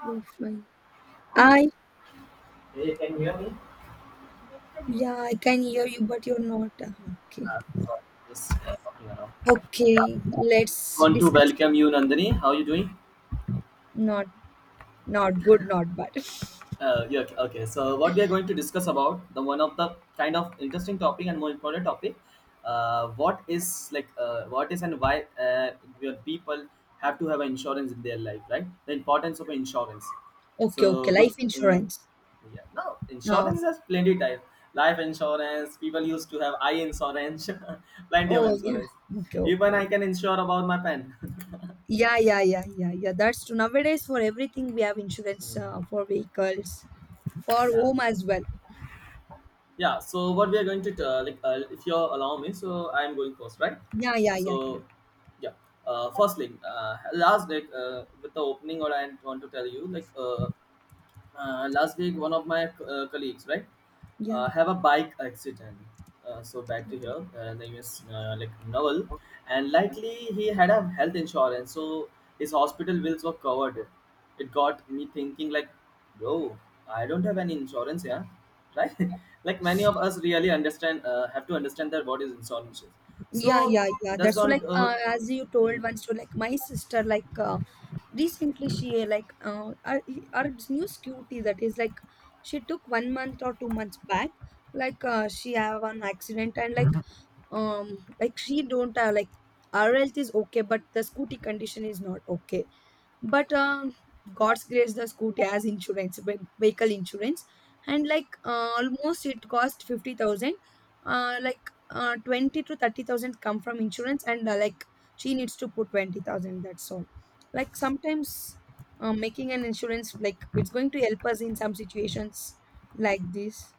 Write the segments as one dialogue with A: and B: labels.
A: You're fine. I,
B: Hey, can you hear me?
A: yeah, I can hear you, but you're not. Okay.
B: Sorry, just talking around. Yeah,
A: Okay, let's
B: want to
A: discuss
B: welcome you,
A: about
B: Nandini. How are you doing?
A: not not good, not bad.
B: Yeah, okay. So what we are going to discuss about the one of the kind of interesting topic and more important topic, what is and why your people have to have an insurance in their life, right? The importance of insurance.
A: Okay, okay,
B: So good.
A: life
B: Uh,
A: insurance.
B: yeah, no,
A: Oh,
B: insurance has plenty type. Life insurance. People used to have eye insurance, plenty of
A: oh yeah.
B: insurance.
A: Okay, okay,
B: Even I
A: okay.
B: can insure about my pen.
A: Yeah, yeah, yeah, yeah, yeah. That's true. Nowadays, for everything we have insurance
B: Hmm.
A: for vehicles, for
B: Yeah.
A: home as well.
B: Yeah, so what we are going to if you allow me, so I'm going first, right?
A: Yeah, yeah,
B: So
A: yeah, yeah.
B: yeah, first like last like with the opening, or I want to tell you, last week one of my colleagues, right,
A: Yeah.
B: have a bike accident. So back to here, name is Naval, and likely he had a health insurance, so his hospital bills were covered. It got me thinking like, bro, I don't have any insurance here, right? Like many of us really understand have to understand that what is insurance is.
A: Yeah,
B: So
A: yeah, yeah.
B: that's
A: That's true.
B: not.
A: Like, as you told once, to like my sister, recently she like our, our new scooty that is like she took 1 month or 2 months back she have an accident and um like she don't like our health is okay but the scooty condition is not okay but god's grace the scooty has insurance vehicle insurance and almost it cost 50,000, 20 to 30,000 come from insurance and like she needs to put 20,000, that's all. Like sometimes making an insurance like it's going to help us in some situations like this.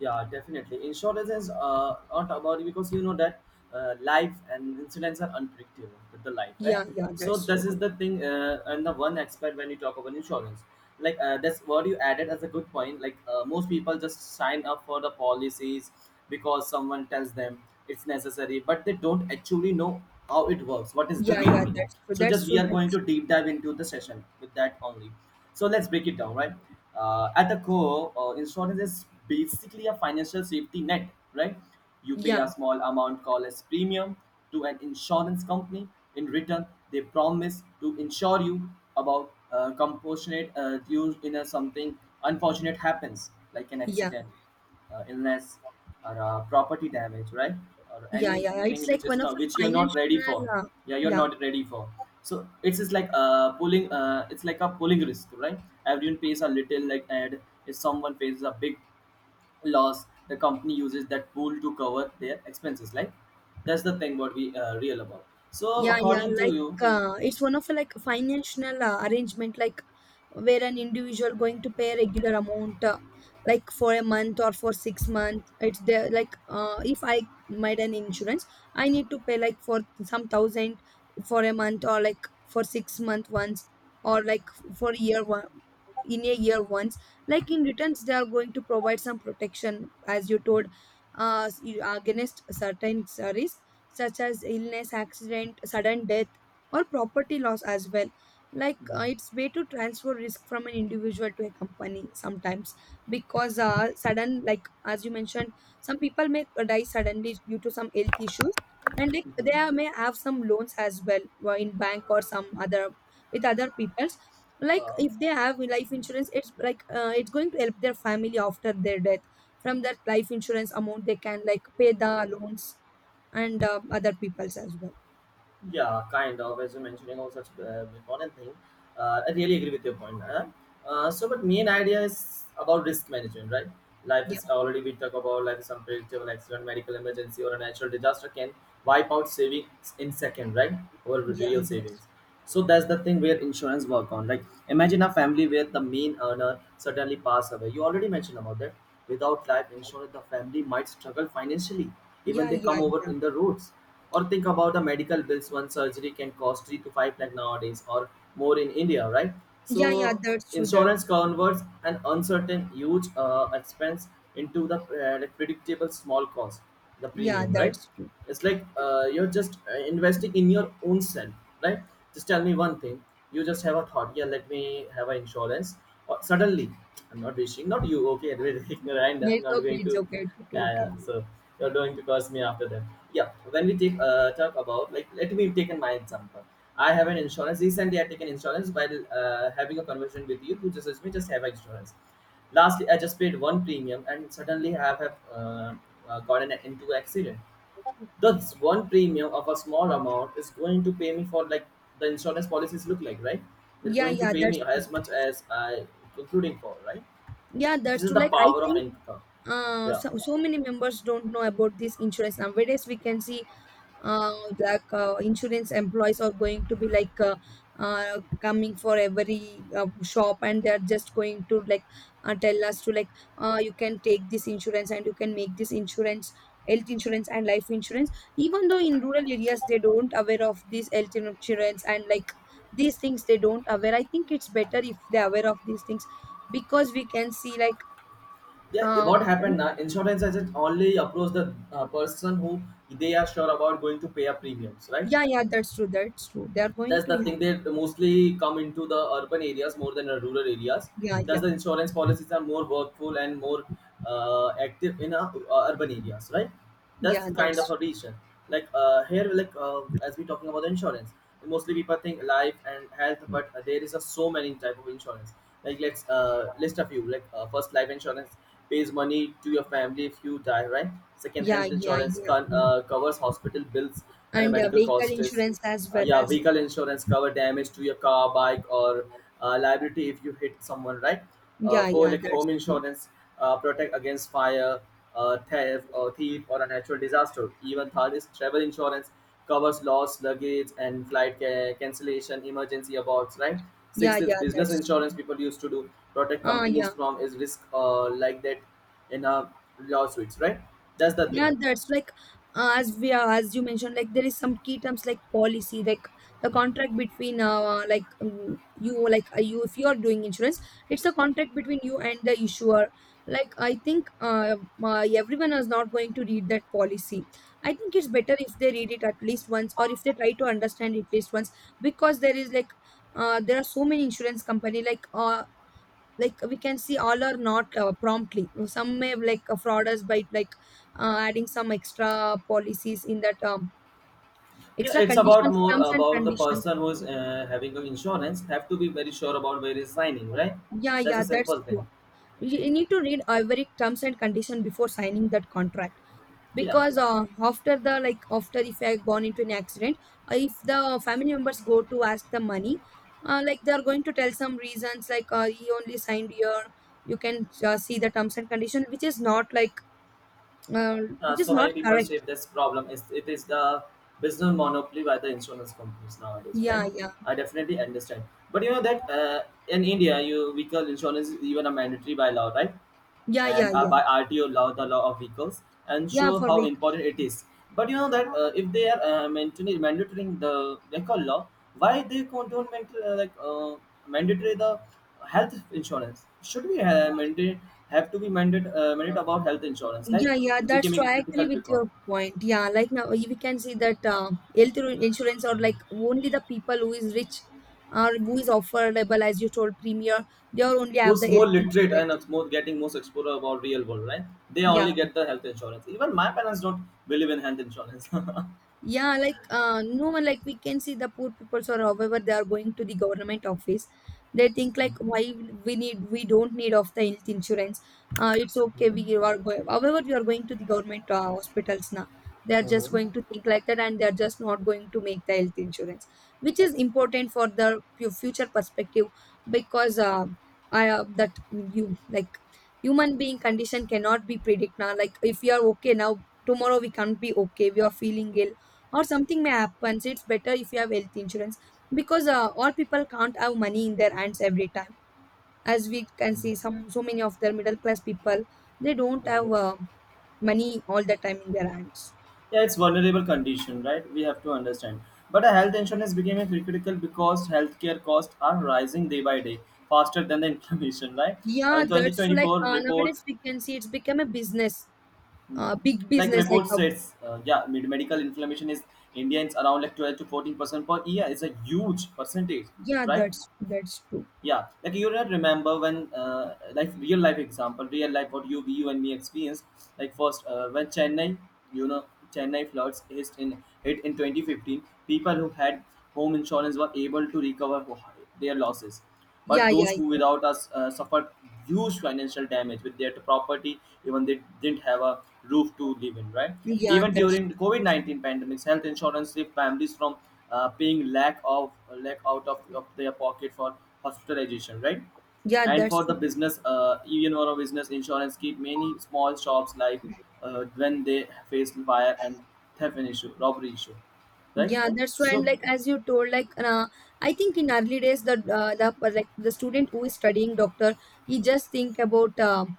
B: Yeah, definitely. Insurance is not about, because you know that life and incidents are unpredictable with the life, right?
A: Yeah,
B: So
A: that's
B: this
A: true.
B: is the thing, and the one aspect when you talk about insurance, that's what you added as a good point. Most people just sign up for the policies because someone tells them it's necessary, but they don't actually know how it works. What is the
A: yeah
B: real
A: yeah
B: meaning?
A: that's true,
B: So
A: that's
B: just we
A: true,
B: are going
A: that's
B: to deep dive into the session with that only. So let's break it down, right? At the core, insurance is basically a financial safety net, right? You pay
A: yeah
B: a small amount called as premium to an insurance company. In return, they promise to insure you about compassionate due in a something unfortunate happens, like an
A: yeah
B: accident, illness, or property damage, right? Or
A: yeah. It's
B: anything which
A: like one
B: is
A: of
B: not,
A: the
B: which you're not ready
A: financial
B: for. Yeah you're
A: yeah.
B: not ready for. So it's just like pulling it's like a pulling risk, right? Everyone pays a little, like, and if someone faces a big loss, the company uses that pool to cover their expenses, like that's the thing what we real about. So
A: Yeah, yeah,
B: according to
A: like
B: you.
A: it's one of a, like financial arrangement, like where an individual going to pay a regular amount, like for a month or for 6 months. It's there, like if I made an insurance, I need to pay like for some thousand for a month or like for 6 month once, or like for year one, in a year once. Like in returns, they are going to provide some protection, as you told, against certain risk such as illness, accident, sudden death, or property loss as well. Like
B: Mhm.
A: it's way to transfer risk from an individual to a company sometimes because sudden, like as you mentioned, some people may die suddenly due to some health issues, and like they
B: Mhm.
A: may have some loans as well in bank or some other with other people's. Like
B: Uh,
A: if they have life insurance, it's like it's going to help their family after their death. From that life insurance amount, they can like pay the loans and other people's as well.
B: yeah, kind of. As you mentioning on such important thing, I really agree with your point. Huh? So, but main idea is about risk management, right? Life
A: Yeah,
B: is already we talk about, life is unpredictable. Accident, medical emergency, or a natural disaster can wipe out savings in second, right? Or
A: yeah,
B: real
A: that's
B: savings. So that's the thing where insurance work on, like imagine a family where the main earner suddenly pass away. You already mentioned about that. Without life insurance, the family might struggle financially, even
A: yeah,
B: they come
A: yeah,
B: over
A: yeah,
B: in the roads. Or think about the medical bills. One surgery can cost 3 to 5 lakh nowadays or more in India, right? So
A: yeah, yeah. That's true. That
B: insurance converts an uncertain huge expense into the like, predictable small cost, the
A: yeah,
B: premium, right?
A: that's true.
B: It's like you're just investing in your own self, right? Just tell me one thing. You just have a thought, yeah, let me have an insurance, or suddenly, I'm not wishing not you, okay, anyway, random, I'm
A: It's
B: not
A: okay.
B: going to.
A: It's okay. It's okay.
B: Yeah,
A: You can.
B: yeah, so you're going to curse me after that. Yeah, when we take talk about, like let me take in my example. I have an insurance, recently I taken insurance while having a conversation with you, you just asked me, just have an insurance. Lastly, I just paid one premium and suddenly I have uh, gotten into an accident. That's one premium of a small amount is going to pay me for, like, the insurance policies look like, right? They're
A: Yeah,
B: going to
A: yeah,
B: pay me
A: that's true.
B: as much as I including for, right?
A: Yeah,
B: This
A: that's
B: is
A: true.
B: the
A: Like I
B: power of
A: think,
B: income. Yeah.
A: so, so many members don't know about this insurance nowadays. We can see like insurance employees are going to be like coming for every shop and they are just going to like tell us to like you can take this insurance and you can make this insurance, health insurance and life insurance. Even though in rural areas they don't aware of this health insurance and like these things they don't aware. I think it's better if they aware of these things because we can see like
B: Yeah, eh,
A: um
B: what happened now? Insurance agent only approach the person who they are sure about going to pay a premiums, right?
A: yeah, yeah, that's true, that's true, they are going
B: That's
A: to
B: the
A: yeah,
B: thing, they mostly come into the urban areas more than the rural areas.
A: yeah
B: Thus
A: yeah,
B: the insurance policies are more workful and more active in urban areas, right? That's
A: yeah
B: kind of
A: that's
B: a reason. Like here like As we talking about the insurance, mostly people think life and health, but there is a so many type of insurance. Let's list a few. First, life insurance pays money to your family if you die, right? Second,
A: Yeah,
B: health
A: yeah,
B: insurance
A: yeah, yeah.
B: covers hospital bills and a
A: And
B: medical
A: vehicle
B: costs.
A: insurance as well
B: Yeah,
A: as
B: vehicle insurance cover damage to your car, bike, or liability if you hit someone, right?
A: yeah,
B: For
A: yeah,
B: like
A: that's
B: home
A: true.
B: insurance, protect against fire, theft or thief or a natural disaster. Even third is travel insurance, covers loss luggage and flight ca- cancellation, emergency aborts, right?
A: Yeah,
B: Sixth is
A: yeah,
B: business
A: that's
B: insurance,
A: true.
B: people used to do protect
A: Ah,
B: companies
A: yeah.
B: from is risk, like that, in a lawsuits, right? That's the
A: Yeah,
B: thing.
A: that's like as we are, as you mentioned, like there is some key terms like policy, like the contract between you, like you, if you are doing insurance, it's a contract between you and the issuer. Like I think everyone is not going to read that policy. I think it's better if they read it at least once, or if they try to understand it at least once, because there is like there are so many insurance company like we can see all are not promptly, some may like fraud us by like adding some extra policies in that
B: Yeah,
A: extra
B: it's about
A: conditions,
B: more
A: terms and
B: about the
A: conditions.
B: person who is having an insurance have to be very sure about where is signing, right?
A: yeah
B: That's
A: yeah
B: a
A: that's
B: simple thing.
A: true. You need to read every terms and condition before signing that contract
B: Yeah,
A: because after the like after if I gone into an accident, if the family members go to ask the money, like they are going to tell some reasons like you only signed, your you can see the terms and condition which is not like uh, which is
B: so
A: not
B: many people
A: correct.
B: shape this problem. It's, it is the business monopoly by the insurance companies nowadays, right?
A: Yeah, yeah,
B: I definitely understand. But you know that in India, you vehicle insurance is even a mandatory by law, right?
A: yeah, yeah,
B: And
A: yeah,
B: by RTO law, the law of vehicles, and
A: yeah.
B: show
A: For
B: how
A: we,
B: important it is. But you know that if they are mandatory mandatorying the vehicle law, why they con- don't mandatory, mandatory the health insurance? Should we mandate have to be mandate mandate about health insurance? Like,
A: yeah, yeah.
B: it's
A: That's true.
B: becoming
A: I agree
B: critical
A: with
B: because
A: your point. Yeah, like now we can see that health insurance, or like only the people who is rich or who is affordable, as you told, premier, they are only have
B: who's
A: the
B: more
A: health
B: literate and
A: insurance.
B: is more getting most exposure about real world, right? They
A: Yeah,
B: only get the health insurance. Even my parents don't believe in health insurance.
A: yeah, like no one, like we can see the poor people, or however they are going to the government office. They think like why we don't need of the health insurance. It's okay.
B: Mhm.
A: We are going, however we are going to the government hospitals now. They are just
B: Mhm.
A: going to think like that and they are just not going to make the health insurance, which is important for the future perspective because I that you like human being condition cannot be predict now. Like if you are okay now, tomorrow we can't be okay. We are feeling ill or something may happen. So it's better if you have health insurance because all people can't have money in their hands every time. As we can
B: Hmm.
A: see, some so many of their middle class people they don't have
B: Mm-hmm.
A: money all the time in their hands.
B: Yeah, it's vulnerable condition, right? We have to understand. But a health insurance became a critical because healthcare costs are rising day by day, faster than the inflation, right?
A: Yeah,
B: In
A: that's true. Like
B: 2024 report,
A: nowadays we can see it's become a business,
B: hmm,
A: big
B: like
A: business. Like
B: report
A: a,
B: says, yeah, med- medical inflammation is Indians around like 12 to 14% per year. It's a huge percentage,
A: yeah,
B: right?
A: that's true.
B: Yeah, like you don't remember when like real life example, real life, what you and me experienced, like first when Chennai, you know, Chennai floods hit in 2015. People who had home insurance were able to recover ho- their losses,
A: Yeah,
B: but
A: yeah,
B: those who
A: yeah,
B: without us suffered huge financial damage with their property, even they didn't have a roof to live in, right?
A: yeah.
B: Even
A: That's
B: during the COVID-19 pandemic, health insurance saved families from paying lack of, lack out of their pocket for hospitalization, right?
A: yeah,
B: And
A: that's
B: for the
A: true.
B: business, even for a business, insurance keep many small shops like when they face fire and theft issue, robbery issue, right?
A: Yeah, that's why. And
B: So,
A: like as you told, like I think in early days, the like the student who is studying doctor, he just think about um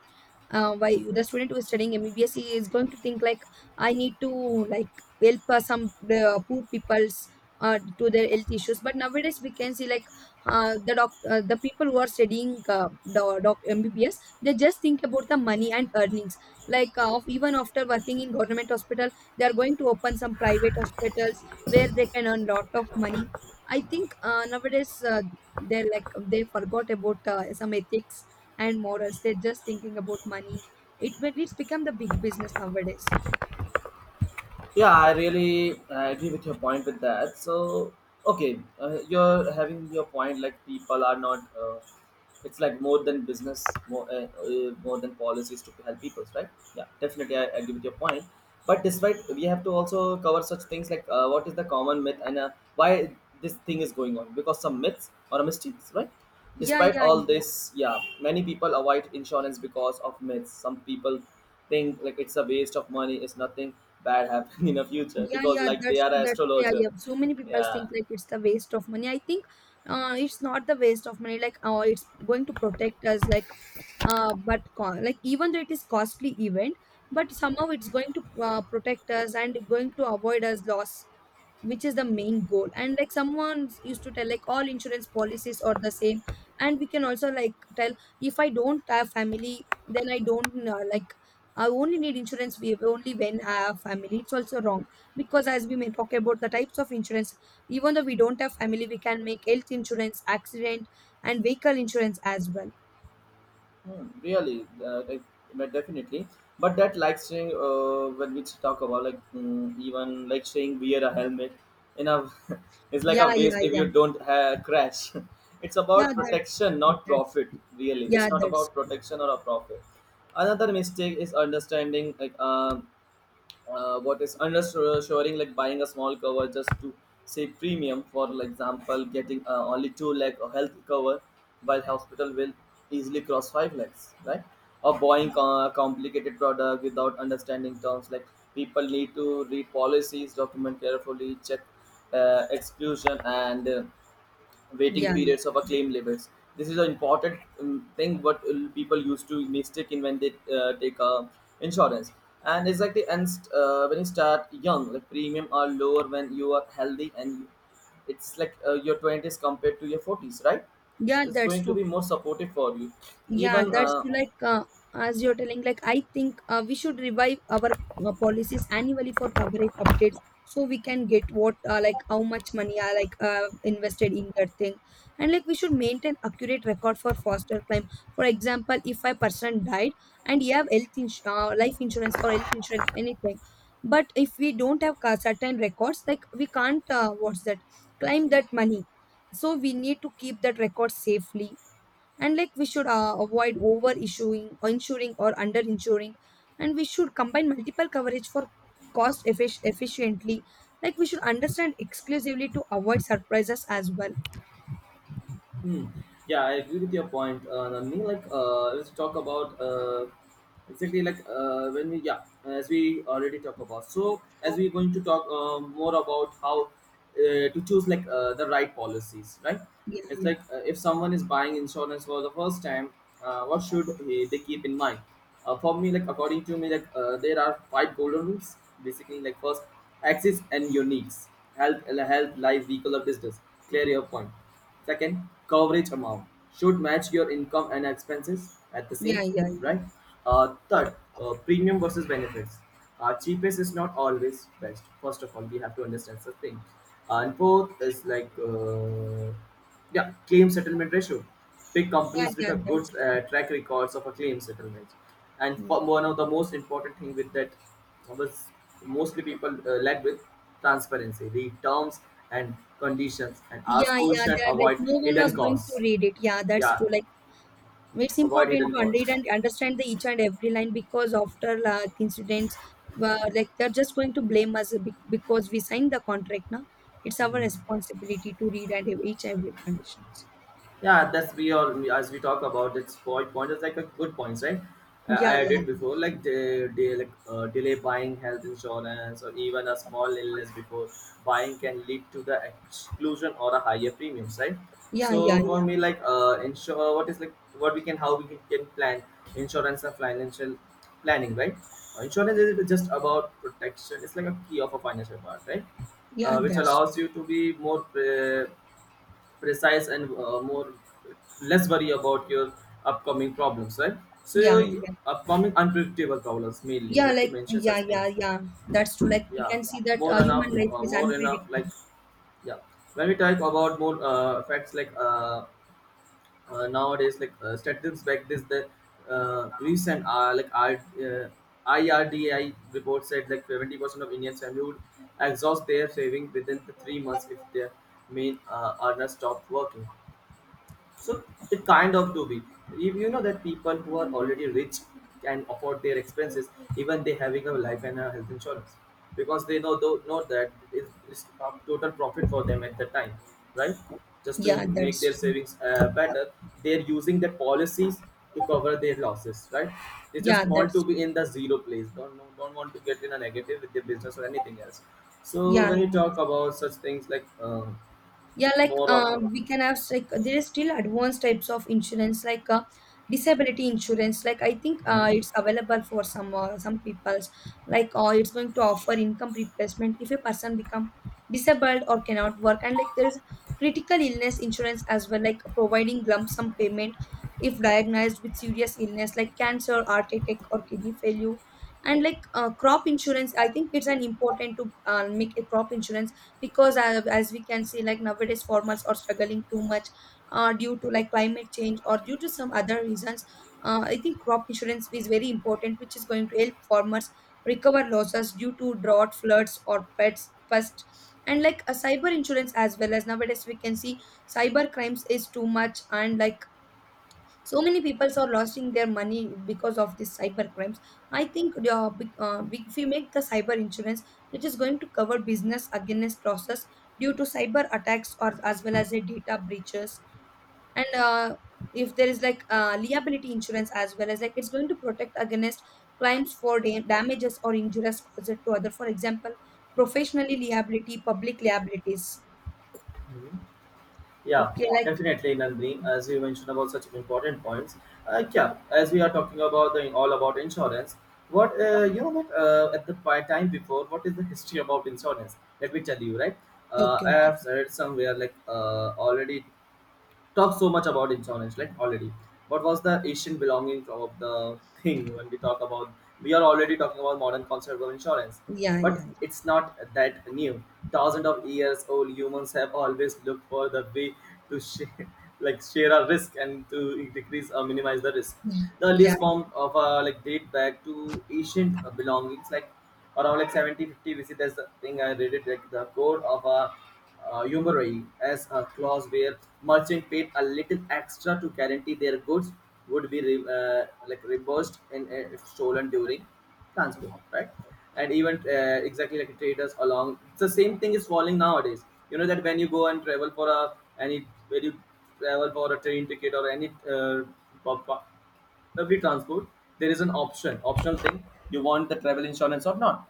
A: uh, why the student who is studying MBBS he is going to think like I need to like help some poor people's to their health issues. But nowadays we can see like the people who are studying doc, doc MBBS, they just think about the money and earnings. Like of even after working in government hospital they are going to open some private hospitals where they can earn lot of money. I think nowadays. They're like they forgot about some ethics and morals. They're just thinking about money. It when it's become the big business nowadays.
B: yeah, I really agree with your point with that. So, okay, you're having your point like people are not. It's like more than business, more more than policies to help people, right? Yeah, definitely, I agree with your point. But despite we have to also cover such things like what is the common myth and why this thing is going on, because some myths or mistakes, right?
A: Yeah,
B: Despite
A: yeah,
B: all
A: yeah,
B: this, yeah, many people avoid insurance because of myths. Some people think like it's a waste of money, it's nothing bad happening in the future
A: yeah,
B: because
A: yeah.
B: like they
A: That's
B: are
A: true.
B: an
A: That's true. Yeah,
B: astrologer.
A: yeah. So many people
B: Yeah.
A: think like it's the waste of money. I think it's not the waste of money. Like, oh, it's going to protect us. Like, like even though it is costly event, but somehow it's going to protect us and going to avoid us loss, which is the main goal. And like someone used to tell like all insurance policies are the same, and we can also like tell if I don't have family then I don't like I only need insurance, we only when I have family, it's also wrong because as we may talk about the types of insurance, even though we don't have family we can make health insurance, accident and vehicle insurance as well.
B: Hmm, really, but definitely. But that, like, saying when we talk about like mm, even like saying wear a helmet, in a it's like a
A: yeah
B: waste
A: yeah
B: if
A: yeah
B: you don't ha- crash. It's
A: yeah
B: about
A: that's
B: protection, not
A: that's
B: profit. Really,
A: yeah,
B: it's not
A: that's
B: about protection or a profit. Another mistake is understanding what is undershoring, like buying a small cover just to say premium. For example, getting only 2 lakh of health cover while hospital will easily cross 5 lakhs, right? Or buying co- complicated product without understanding terms, like people need to read policies document carefully, check exclusion and waiting
A: yeah yeah
B: periods of a claim limits. This is an important thing what people used to mistake in when they take insurance. And it's like the and when you start young, the premium are lower when you are healthy, and it's like your twenties compared to your forties, right?
A: yeah,
B: It's
A: that's
B: going to
A: true.
B: be more supportive for you.
A: Yeah,
B: Even
A: that's true. Like as you're telling, like I think we should revive our policies annually for coverage updates, so we can get what like how much money are like invested in that thing, and like we should maintain accurate record for foster claim. For example, if a person died and you have health ins life insurance or health insurance anything, but if we don't have certain records, like we can't what's that claim that money. So we need to keep that record safely, and like we should avoid over issuing or insuring or under insuring, and we should combine multiple coverage for cost efficiently. Like we should understand exclusively to avoid surprises as well.
B: Hmm. Yeah, I agree with your point. Nandini, let's talk about exactly as we already talked about. So as we're going to talk more about how to choose the right policies, right?
A: yeah
B: It's
A: yeah
B: if someone is buying insurance for the first time, what should they keep in mind? For me, like according to me, there are 5 golden rules. Basically, like first, access and your needs, help, health, life, vehicle, or business. Clear your point. Second, coverage amount should match your income and expenses at the
A: yeah
B: same,
A: yeah yeah
B: right? Third, premium versus benefits. Cheapest is not always best. First of all, we have to understand such thing. And fourth is claim settlement ratio. Pick
A: yeah
B: companies with
A: yeah
B: a
A: that's
B: good
A: true.
B: track records of a claim settlement. And for one of the most important thing with that was, mostly people led with transparency, the terms and conditions, and ask
A: Yeah,
B: question,
A: that like
B: avoid
A: no one was
B: hidden
A: going to
B: costs.
A: read it. Yeah, that's
B: Yeah,
A: true. Like it's
B: avoid
A: important
B: hidden
A: to read
B: costs.
A: and understand the each and every line because after like incidents like they're just going to blame us because we signed the contract. Now it's our
B: Mhm.
A: responsibility to read and each and every conditions.
B: Yeah, that's, we all as we talk about it's point is like a good points, right?
A: yeah
B: I
A: yeah
B: did before
A: that's true.
B: like delay buying health insurance or even a small illness before buying can lead to the exclusion or a higher premiums, right?
A: yeah yeah
B: So for
A: yeah
B: me, like insure what is like what we can, how we can plan insurance and financial planning, right? Insurance is just about protection, it's like a key of a financial part, right?
A: yeah,
B: Which
A: that's
B: allows you to be more uh, precise and more less worry about your upcoming problems, right? So
A: yeah
B: your
A: yeah
B: upcoming unpredictable problems mainly we
A: yeah
B: have to
A: like
B: mention such
A: yeah yeah
B: things.
A: yeah That's true. Like we
B: yeah
A: can see that human life is
B: More enough like,
A: unpredictable.
B: yeah, when we talk about more facts, nowadays statistics back this, the recent uh, IRDI report said like 70% of Indian family would exhaust their saving within the 3 months if their main earner stopped working. So it kind of do be. If you know that people who are already rich can afford their expenses, even they having a life and a health insurance, because they know that it's a total profit for them at the time, right? Just to
A: Yeah
B: make their
A: that's true
B: savings better, they're using their policies to cover their losses, right? They
A: yeah
B: just want to
A: that's
B: be in the zero place. Don't want to get in a negative with their business or anything else. So
A: yeah.
B: when we talk about such things
A: Yeah, like
B: more of. A,
A: we can have like there is still advanced types of insurance like disability insurance. Like I think
B: Mhm.
A: it's available for some people's. Like it's going to offer income replacement if a person become disabled or cannot work. And like there is critical illness insurance as well, like providing lump sum payment if diagnosed with serious illness like cancer, heart attack, or kidney failure. And like crop insurance, I think it's an important to make a crop insurance because as we can see like nowadays farmers are struggling too much due to like climate change or due to some other reasons. I think crop insurance is very important, which is going to help farmers recover losses due to drought, floods, or pets pests, and like a cyber insurance as well. As nowadays we can see cyber crimes is too much and like so many people are losing their money because of these cyber crimes. I think if we make the cyber insurance, it is going to cover business against losses due to cyber attacks or as well as a data breaches. And if there is like liability insurance as well, as like it's going to protect against claims for damages or injuries caused to other. For example, professionally liability, public liabilities.
B: Mhm. Yeah,
A: Okay, like
B: definitely, Nandini. As you mentioned about such important points, yeah. As we are talking about the all about insurance, what you know what at the time before, what is the history about insurance? Let me tell you, right?
A: okay,
B: I
A: okay,
B: have read somewhere already talked so much about insurance, like already. What was the Asian belonging of the thing when we talk about? We are already talking about modern concept of insurance,
A: yeah,
B: but
A: yeah,
B: it's not that new. Thousands of years old humans have always looked for the way to share, like share a risk and to decrease or minimize the risk. The
A: yeah,
B: earliest
A: yeah,
B: form of like date back to ancient belongings, like around like 70 50 BC. There's the thing I read it like the code of a usury as a clause where merchant paid a little extra to guarantee their goods would be reimbursed and if stolen during transport, right? And even exactly like traders along, it's the same thing is falling nowadays. You know that when you go and travel for a any when you travel for a train ticket or any uh, pub- every transport, there is an optional thing, you want the travel insurance or not,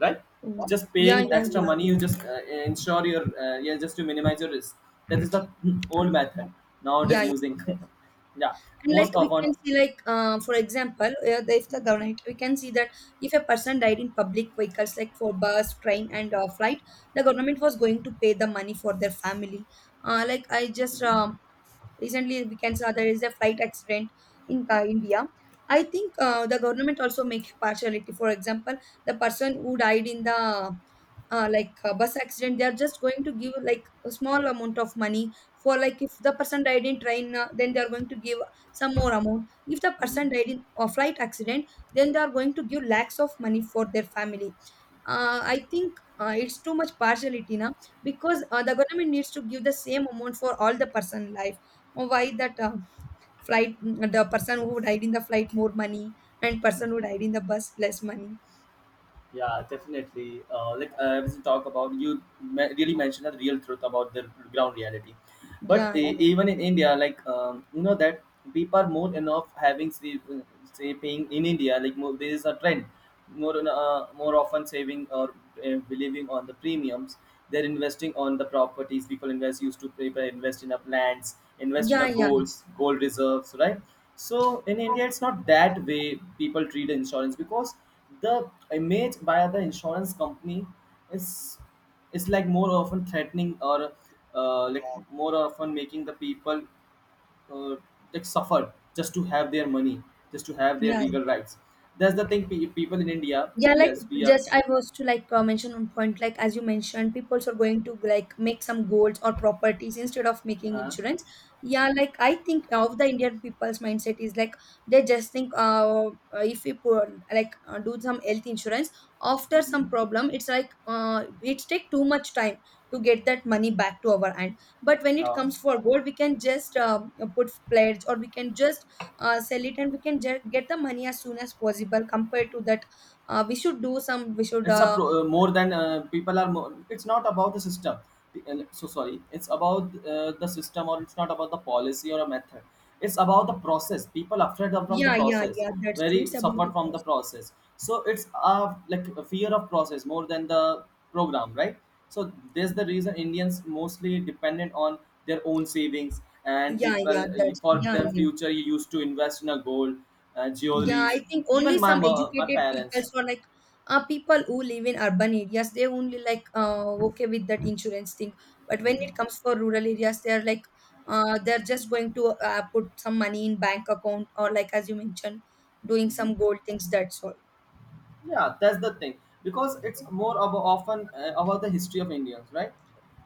B: right? Just
A: yeah,
B: paying
A: yeah,
B: extra
A: yeah.
B: money you
A: Yeah.
B: just ensure your yeah, just to minimize your risk. That is the old method. Now it is
A: Yeah, yeah.
B: using. Yeah,
A: And like
B: most
A: we
B: often.
A: can see, like for example, if the
B: Mhm,
A: government, we can see that if a person died in public vehicles, like for bus, train, and flight, the government was going to pay the money for their family. Like I just
B: mhm,
A: recently we can saw there is a flight accident in India. I think the government also make partiality. For example, the person who died in the like bus accident, they are just going to give like a small amount of money. For like if the person died in train, then they are going to give some more amount. If the person
B: mhm,
A: died in a flight accident, then they are going to give lakhs of money for their family. I think it's too much partiality now because the government needs to give the same amount for all the person life. Oh, why that flight, the person who died in the flight more money and person who
B: mhm.
A: died in the bus less money.
B: Yeah, definitely. I was talk about, really mentioned the real truth about the ground reality. But
A: Yeah, yeah,
B: even in India, you know that people are more enough having say, say paying in India. Like more, there is a trend more in, more often saving or believing on the premiums. They're investing on the properties. People invest in a plants, invest in
A: yeah,
B: a
A: yeah,
B: goals, gold reserves, right? So in India, it's not that way people treat insurance because the image by the insurance company is is like more often threatening or like more often making the people uh, like suffer just to have their money, just to have their
A: yeah.
B: legal rights. That's the thing. People in India,
A: Yeah, like
B: yes, we are.
A: just I was to like mention one point, like as you mentioned, people are going to like make some goals or properties instead of making
B: Uh,
A: insurance. Yeah, like I think of the Indian people's mindset is like they just think, if we put, like do some health insurance after some
B: mhm.
A: problem, it's like it take too much time to get that money back to our hand. But when it
B: Yeah,
A: comes for gold, we can just put pledge or we can just sell it and we can just get the money as soon as possible compared to that. We should do some. We should.
B: it's a pro, more than people are more, it's not about the system, so sorry, it's about the system, or it's not about the policy or a method, it's about the process, people afraid of from the
A: Yeah, yeah,
B: process,
A: yeah. That's true.
B: very
A: It's about
B: suffer
A: the
B: from the
A: cost.
B: process. So it's a like a fear of process more than the program, right? So there's the reason Indians mostly dependent on their own savings, and
A: Yeah, yeah.
B: people
A: That's
B: for
A: yeah,
B: their
A: yeah,
B: future used to invest in a gold,
A: yeah. I
B: jewelries,
A: think only
B: even
A: some
B: my
A: educated people
B: parents.
A: or like people who live in urban areas they only like okay with that insurance thing. But when it comes for rural areas, they are like they're just going to put some money in bank account or like as you mentioned, doing some
B: Mhm.
A: gold things. That's all.
B: Yeah, that's the thing, because it's more about often about the history of Indians, right?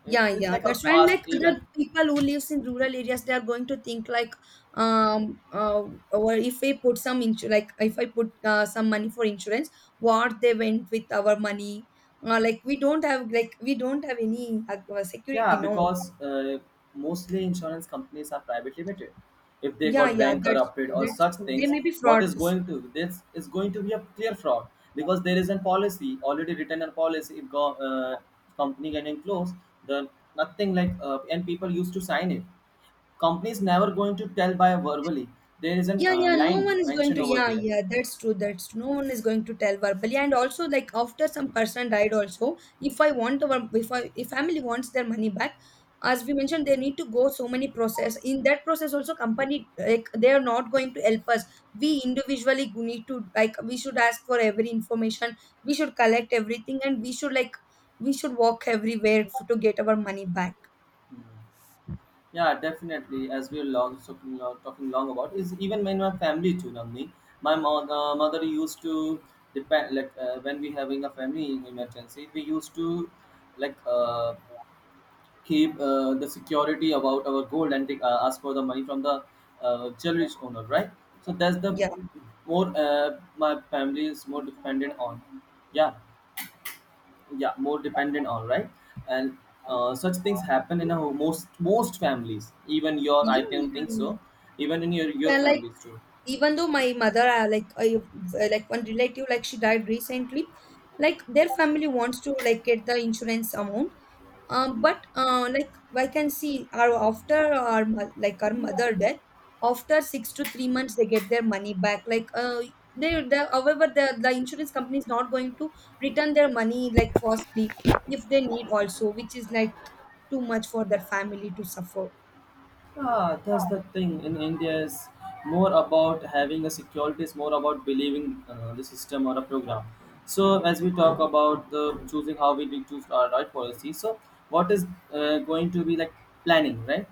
B: It's,
A: Yeah,
B: it's
A: yeah,
B: like
A: that's
B: a
A: why. And
B: past
A: like
B: even.
A: the people who lives in rural areas, they are going to think like, um, uh, or if I put like if I put some money for insurance, what they went with our money? Like we don't have any
B: Yeah,
A: security. No.
B: because mostly insurance companies are private limited. If they
A: Yeah,
B: got
A: yeah,
B: bank
A: that's
B: corrupted
A: true.
B: or
A: That's
B: such
A: true. There
B: things,
A: may be
B: what is
A: frauds.
B: going to, this is going to be a clear fraud, because there is a policy, already written a policy. If company getting closed, the nothing and people used to sign it. Companies never going to tell by verbally. There is a
A: Yeah, yeah, no
B: line
A: one is going
B: mentioned
A: to.
B: over
A: Yeah,
B: there.
A: yeah, that's true. That's true. No one is going to tell verbally. And also, like after some person died, also, if I want our, if I, if family wants their money back, as we mentioned, they need to go so many process. In that process, also, company like they are not going to help us. We individually need to like we should ask for every information. We should collect everything, and we should walk everywhere to get our money back.
B: Yeah, definitely. As we're talking long about, is even in my family too, Namni. My mother used to depend when we having a family emergency, we used to like uh, keep the security about our gold and take, ask for the money from the jewelry owner, right? So that's the
A: Yeah,
B: more my family is more dependent on. Yeah, yeah, more dependent on, right? And such things happen in a most families, even your,
A: yeah,
B: I don't think
A: yeah.
B: so, even in your
A: Yeah, like
B: families too.
A: even though my mother, like one relative like she died recently, like their family wants to like get the insurance amount, but like I can see our after our like our mother death, after 6 to 3 months they get their money back. Like uh they the however the the insurance company is not going to return their money like forcefully, if they need also, which is like too much for their family to suffer.
B: Ah, that's the thing. In India, is more about having a security. It's more about believing the system or a program. So, as we talk about the choosing how we will choose our right policy, so what is going to be like planning, right?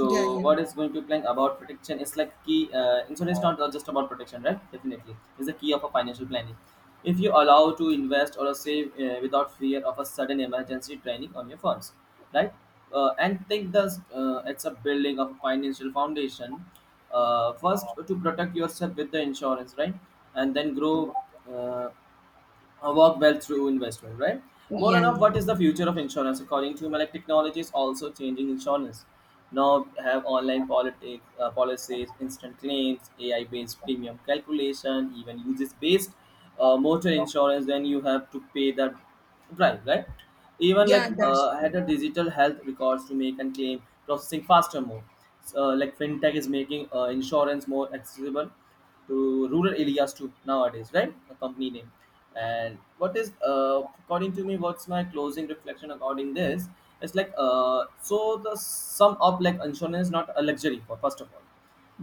A: Yeah, yeah,
B: what is going to plan about protection? It's like key. Insurance is not just about protection, right? Definitely, it's the key of a financial planning. If you allow to invest or save without fear of a sudden emergency draining on your funds, right? And think this it's a building of a financial foundation. First, to protect yourself with the insurance, right? And then grow uh, work well through investment, right? More
A: yeah,
B: and of
A: yeah,
B: what is the future of insurance, according to me, like technology is also changing insurance. Now have online policies, instant claims, AI-based premium calculation, even uses-based motor insurance. Then you have to pay that. Right, right. Even
A: yeah, that's
B: I
A: true.
B: had a
A: Yeah,
B: digital health records to make and claim processing faster more. So, fintech is making insurance more accessible to rural areas too nowadays, right? A company name. And what is according to me, what's my closing reflection according this? It's so the sum up, like insurance is not a luxury, for first of all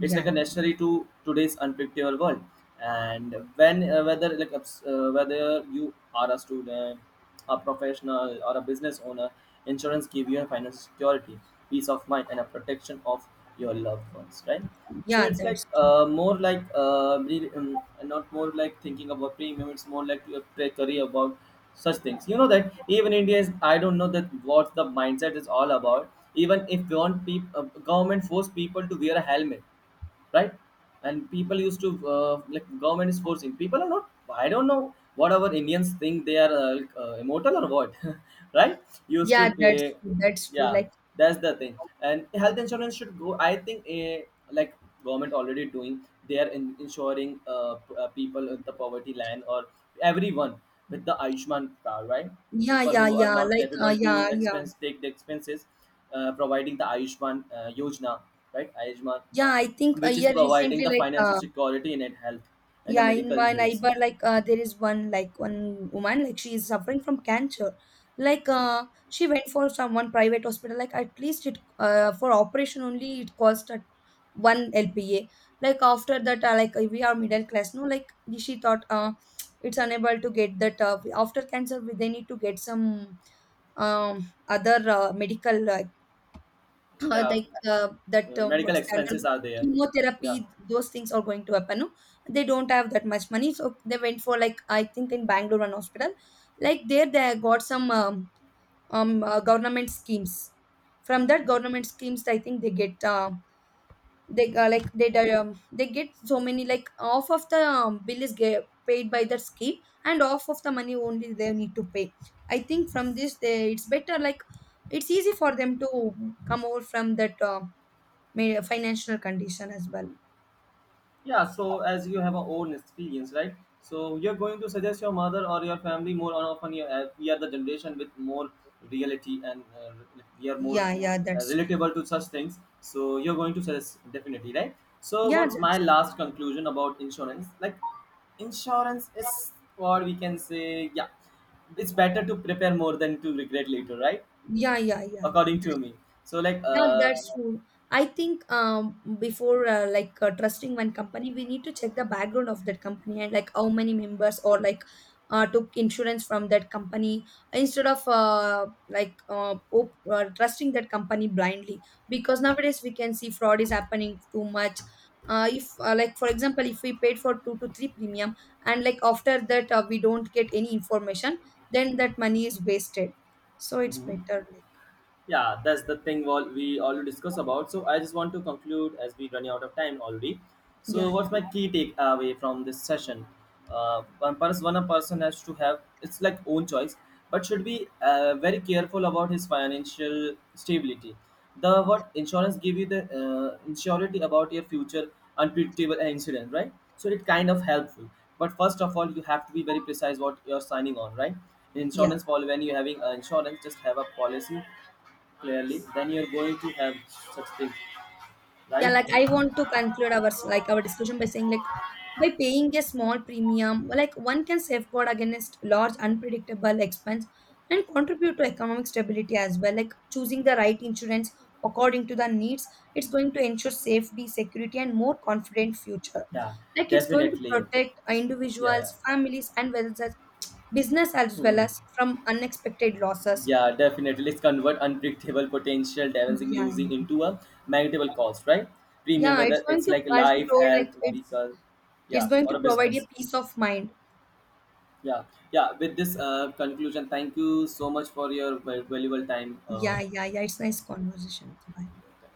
B: it's like a
A: yeah.
B: necessary to today's unpredictable world. And when whether you are a student, a professional, or a business owner, insurance give you a financial security, peace of mind, and a protection of your loved ones, right? So
A: Yeah,
B: it's like
A: that's true.
B: uh, more like uh, re- um, not more like thinking about premium, it's more like your career about such things. You know that even India is, I don't know that what the mindset is all about. Even if do want people, government force people to wear a helmet, right? And people used to like, government is forcing, people are not. I don't know what our Indians think, they are immortal or what. Right, used to
A: Yeah, that's
B: pay,
A: true. That's true.
B: yeah.
A: Like,
B: That's the thing. And health insurance should go, I think a like government already doing, they are insuring people at the poverty line or everyone with the Ayushman card, right?
A: yeah,
B: People
A: yeah,
B: who are
A: yeah.
B: not
A: Like,
B: capable to
A: yeah, yeah,
B: expense take the expenses, providing the Ayushman Yojana, right? Ayushman,
A: yeah. I think a
B: which is
A: year
B: providing
A: recently,
B: the
A: like,
B: financial security in it, health and the
A: yeah, in
B: medical
A: my
B: bills.
A: neighbor, like, there is one, like, one woman, like, she is suffering from cancer. Like, she went for some one private hospital. Like, at least for operation only, it cost at one LPA. Like, after that, like, we are middle class, no? Like, she thought, it's unable to get that. After cancer, we they need to get some other medical,
B: Yeah,
A: like that
B: medical
A: what's the
B: expenses
A: undergo
B: are there. Yeah,
A: chemotherapy those things are going to happen, no? They don't have that much money, so they went for like I think in Bangalore one hospital. Like, there they got some government schemes. From that government schemes I think they get they like they di- they get so many, like half of the bill is get paid by that scheme and half of the money only they need to pay. I think from this, it's better. Like, it's easy for them to come over from that financial condition as well.
B: yeah, so as you have a own experience, right? So you're going to suggest your mother or your family more often. You have, we are the generation with more reality and we are more
A: Yeah, yeah, that's
B: relatable to such things. So you're going to suggest definitely, right? So
A: yeah,
B: what's my
A: that's
B: last conclusion about insurance? Like, insurance is, or we can say, yeah, it's better to prepare more than to regret later, right?
A: yeah, yeah, yeah, yeah.
B: According to me. So like,
A: Yeah, that's true. I think before like trusting one company, we need to check the background of that company and like how many members or like took insurance from that company instead of trusting that company blindly, because nowadays we can see fraud is happening too much. If Like, for example, if we paid for two to three premium and like after that, we don't get any information, then that money is wasted. So it's better like.
B: yeah, that's the thing what we already discussed about. So I just want to conclude, as we running out of time already,
A: Yeah,
B: so
A: yeah,
B: what's my key takeaway from this session. One person one A person has to have it's like own choice, but should be very careful about his financial stability. The what insurance give you the insurity about your future unpredictable incident, right? So it kind of helpful. But first of all you have to be very precise what you're signing on, right? In
A: yeah.
B: insurance policy when you're having insurance, just have a policy clearly, then you're going to have such thing,
A: Yeah,
B: right?
A: like I want to conclude like our discussion by saying, like, by paying a small premium, like one can safeguard against large unpredictable expense and contribute to economic stability as well. Like, choosing the right insurance according to the needs, it's going to ensure safety, security, and more confident future.
B: Yeah,
A: Like it's going to
B: definitely.
A: protect
B: Yeah, yeah.
A: individuals, families, and well as business as well
B: Mm.
A: as from unexpected losses.
B: Yeah, definitely. Let's convert unpredictable potential dancing
A: Yeah,
B: losing
A: yeah.
B: into a manageable cost, right? Premium,
A: Yeah, it's
B: whether
A: going
B: it's
A: to,
B: like
A: as you
B: life,
A: told, like
B: health,
A: it's
B: vehicle,
A: it's
B: yeah,
A: going
B: or
A: to
B: a
A: provide a
B: business.
A: peace of mind.
B: Yeah, yeah. With this conclusion, thank you so much for your valuable time.
A: Yeah, yeah, yeah. It's nice conversation with you. Bye.
B: Yeah.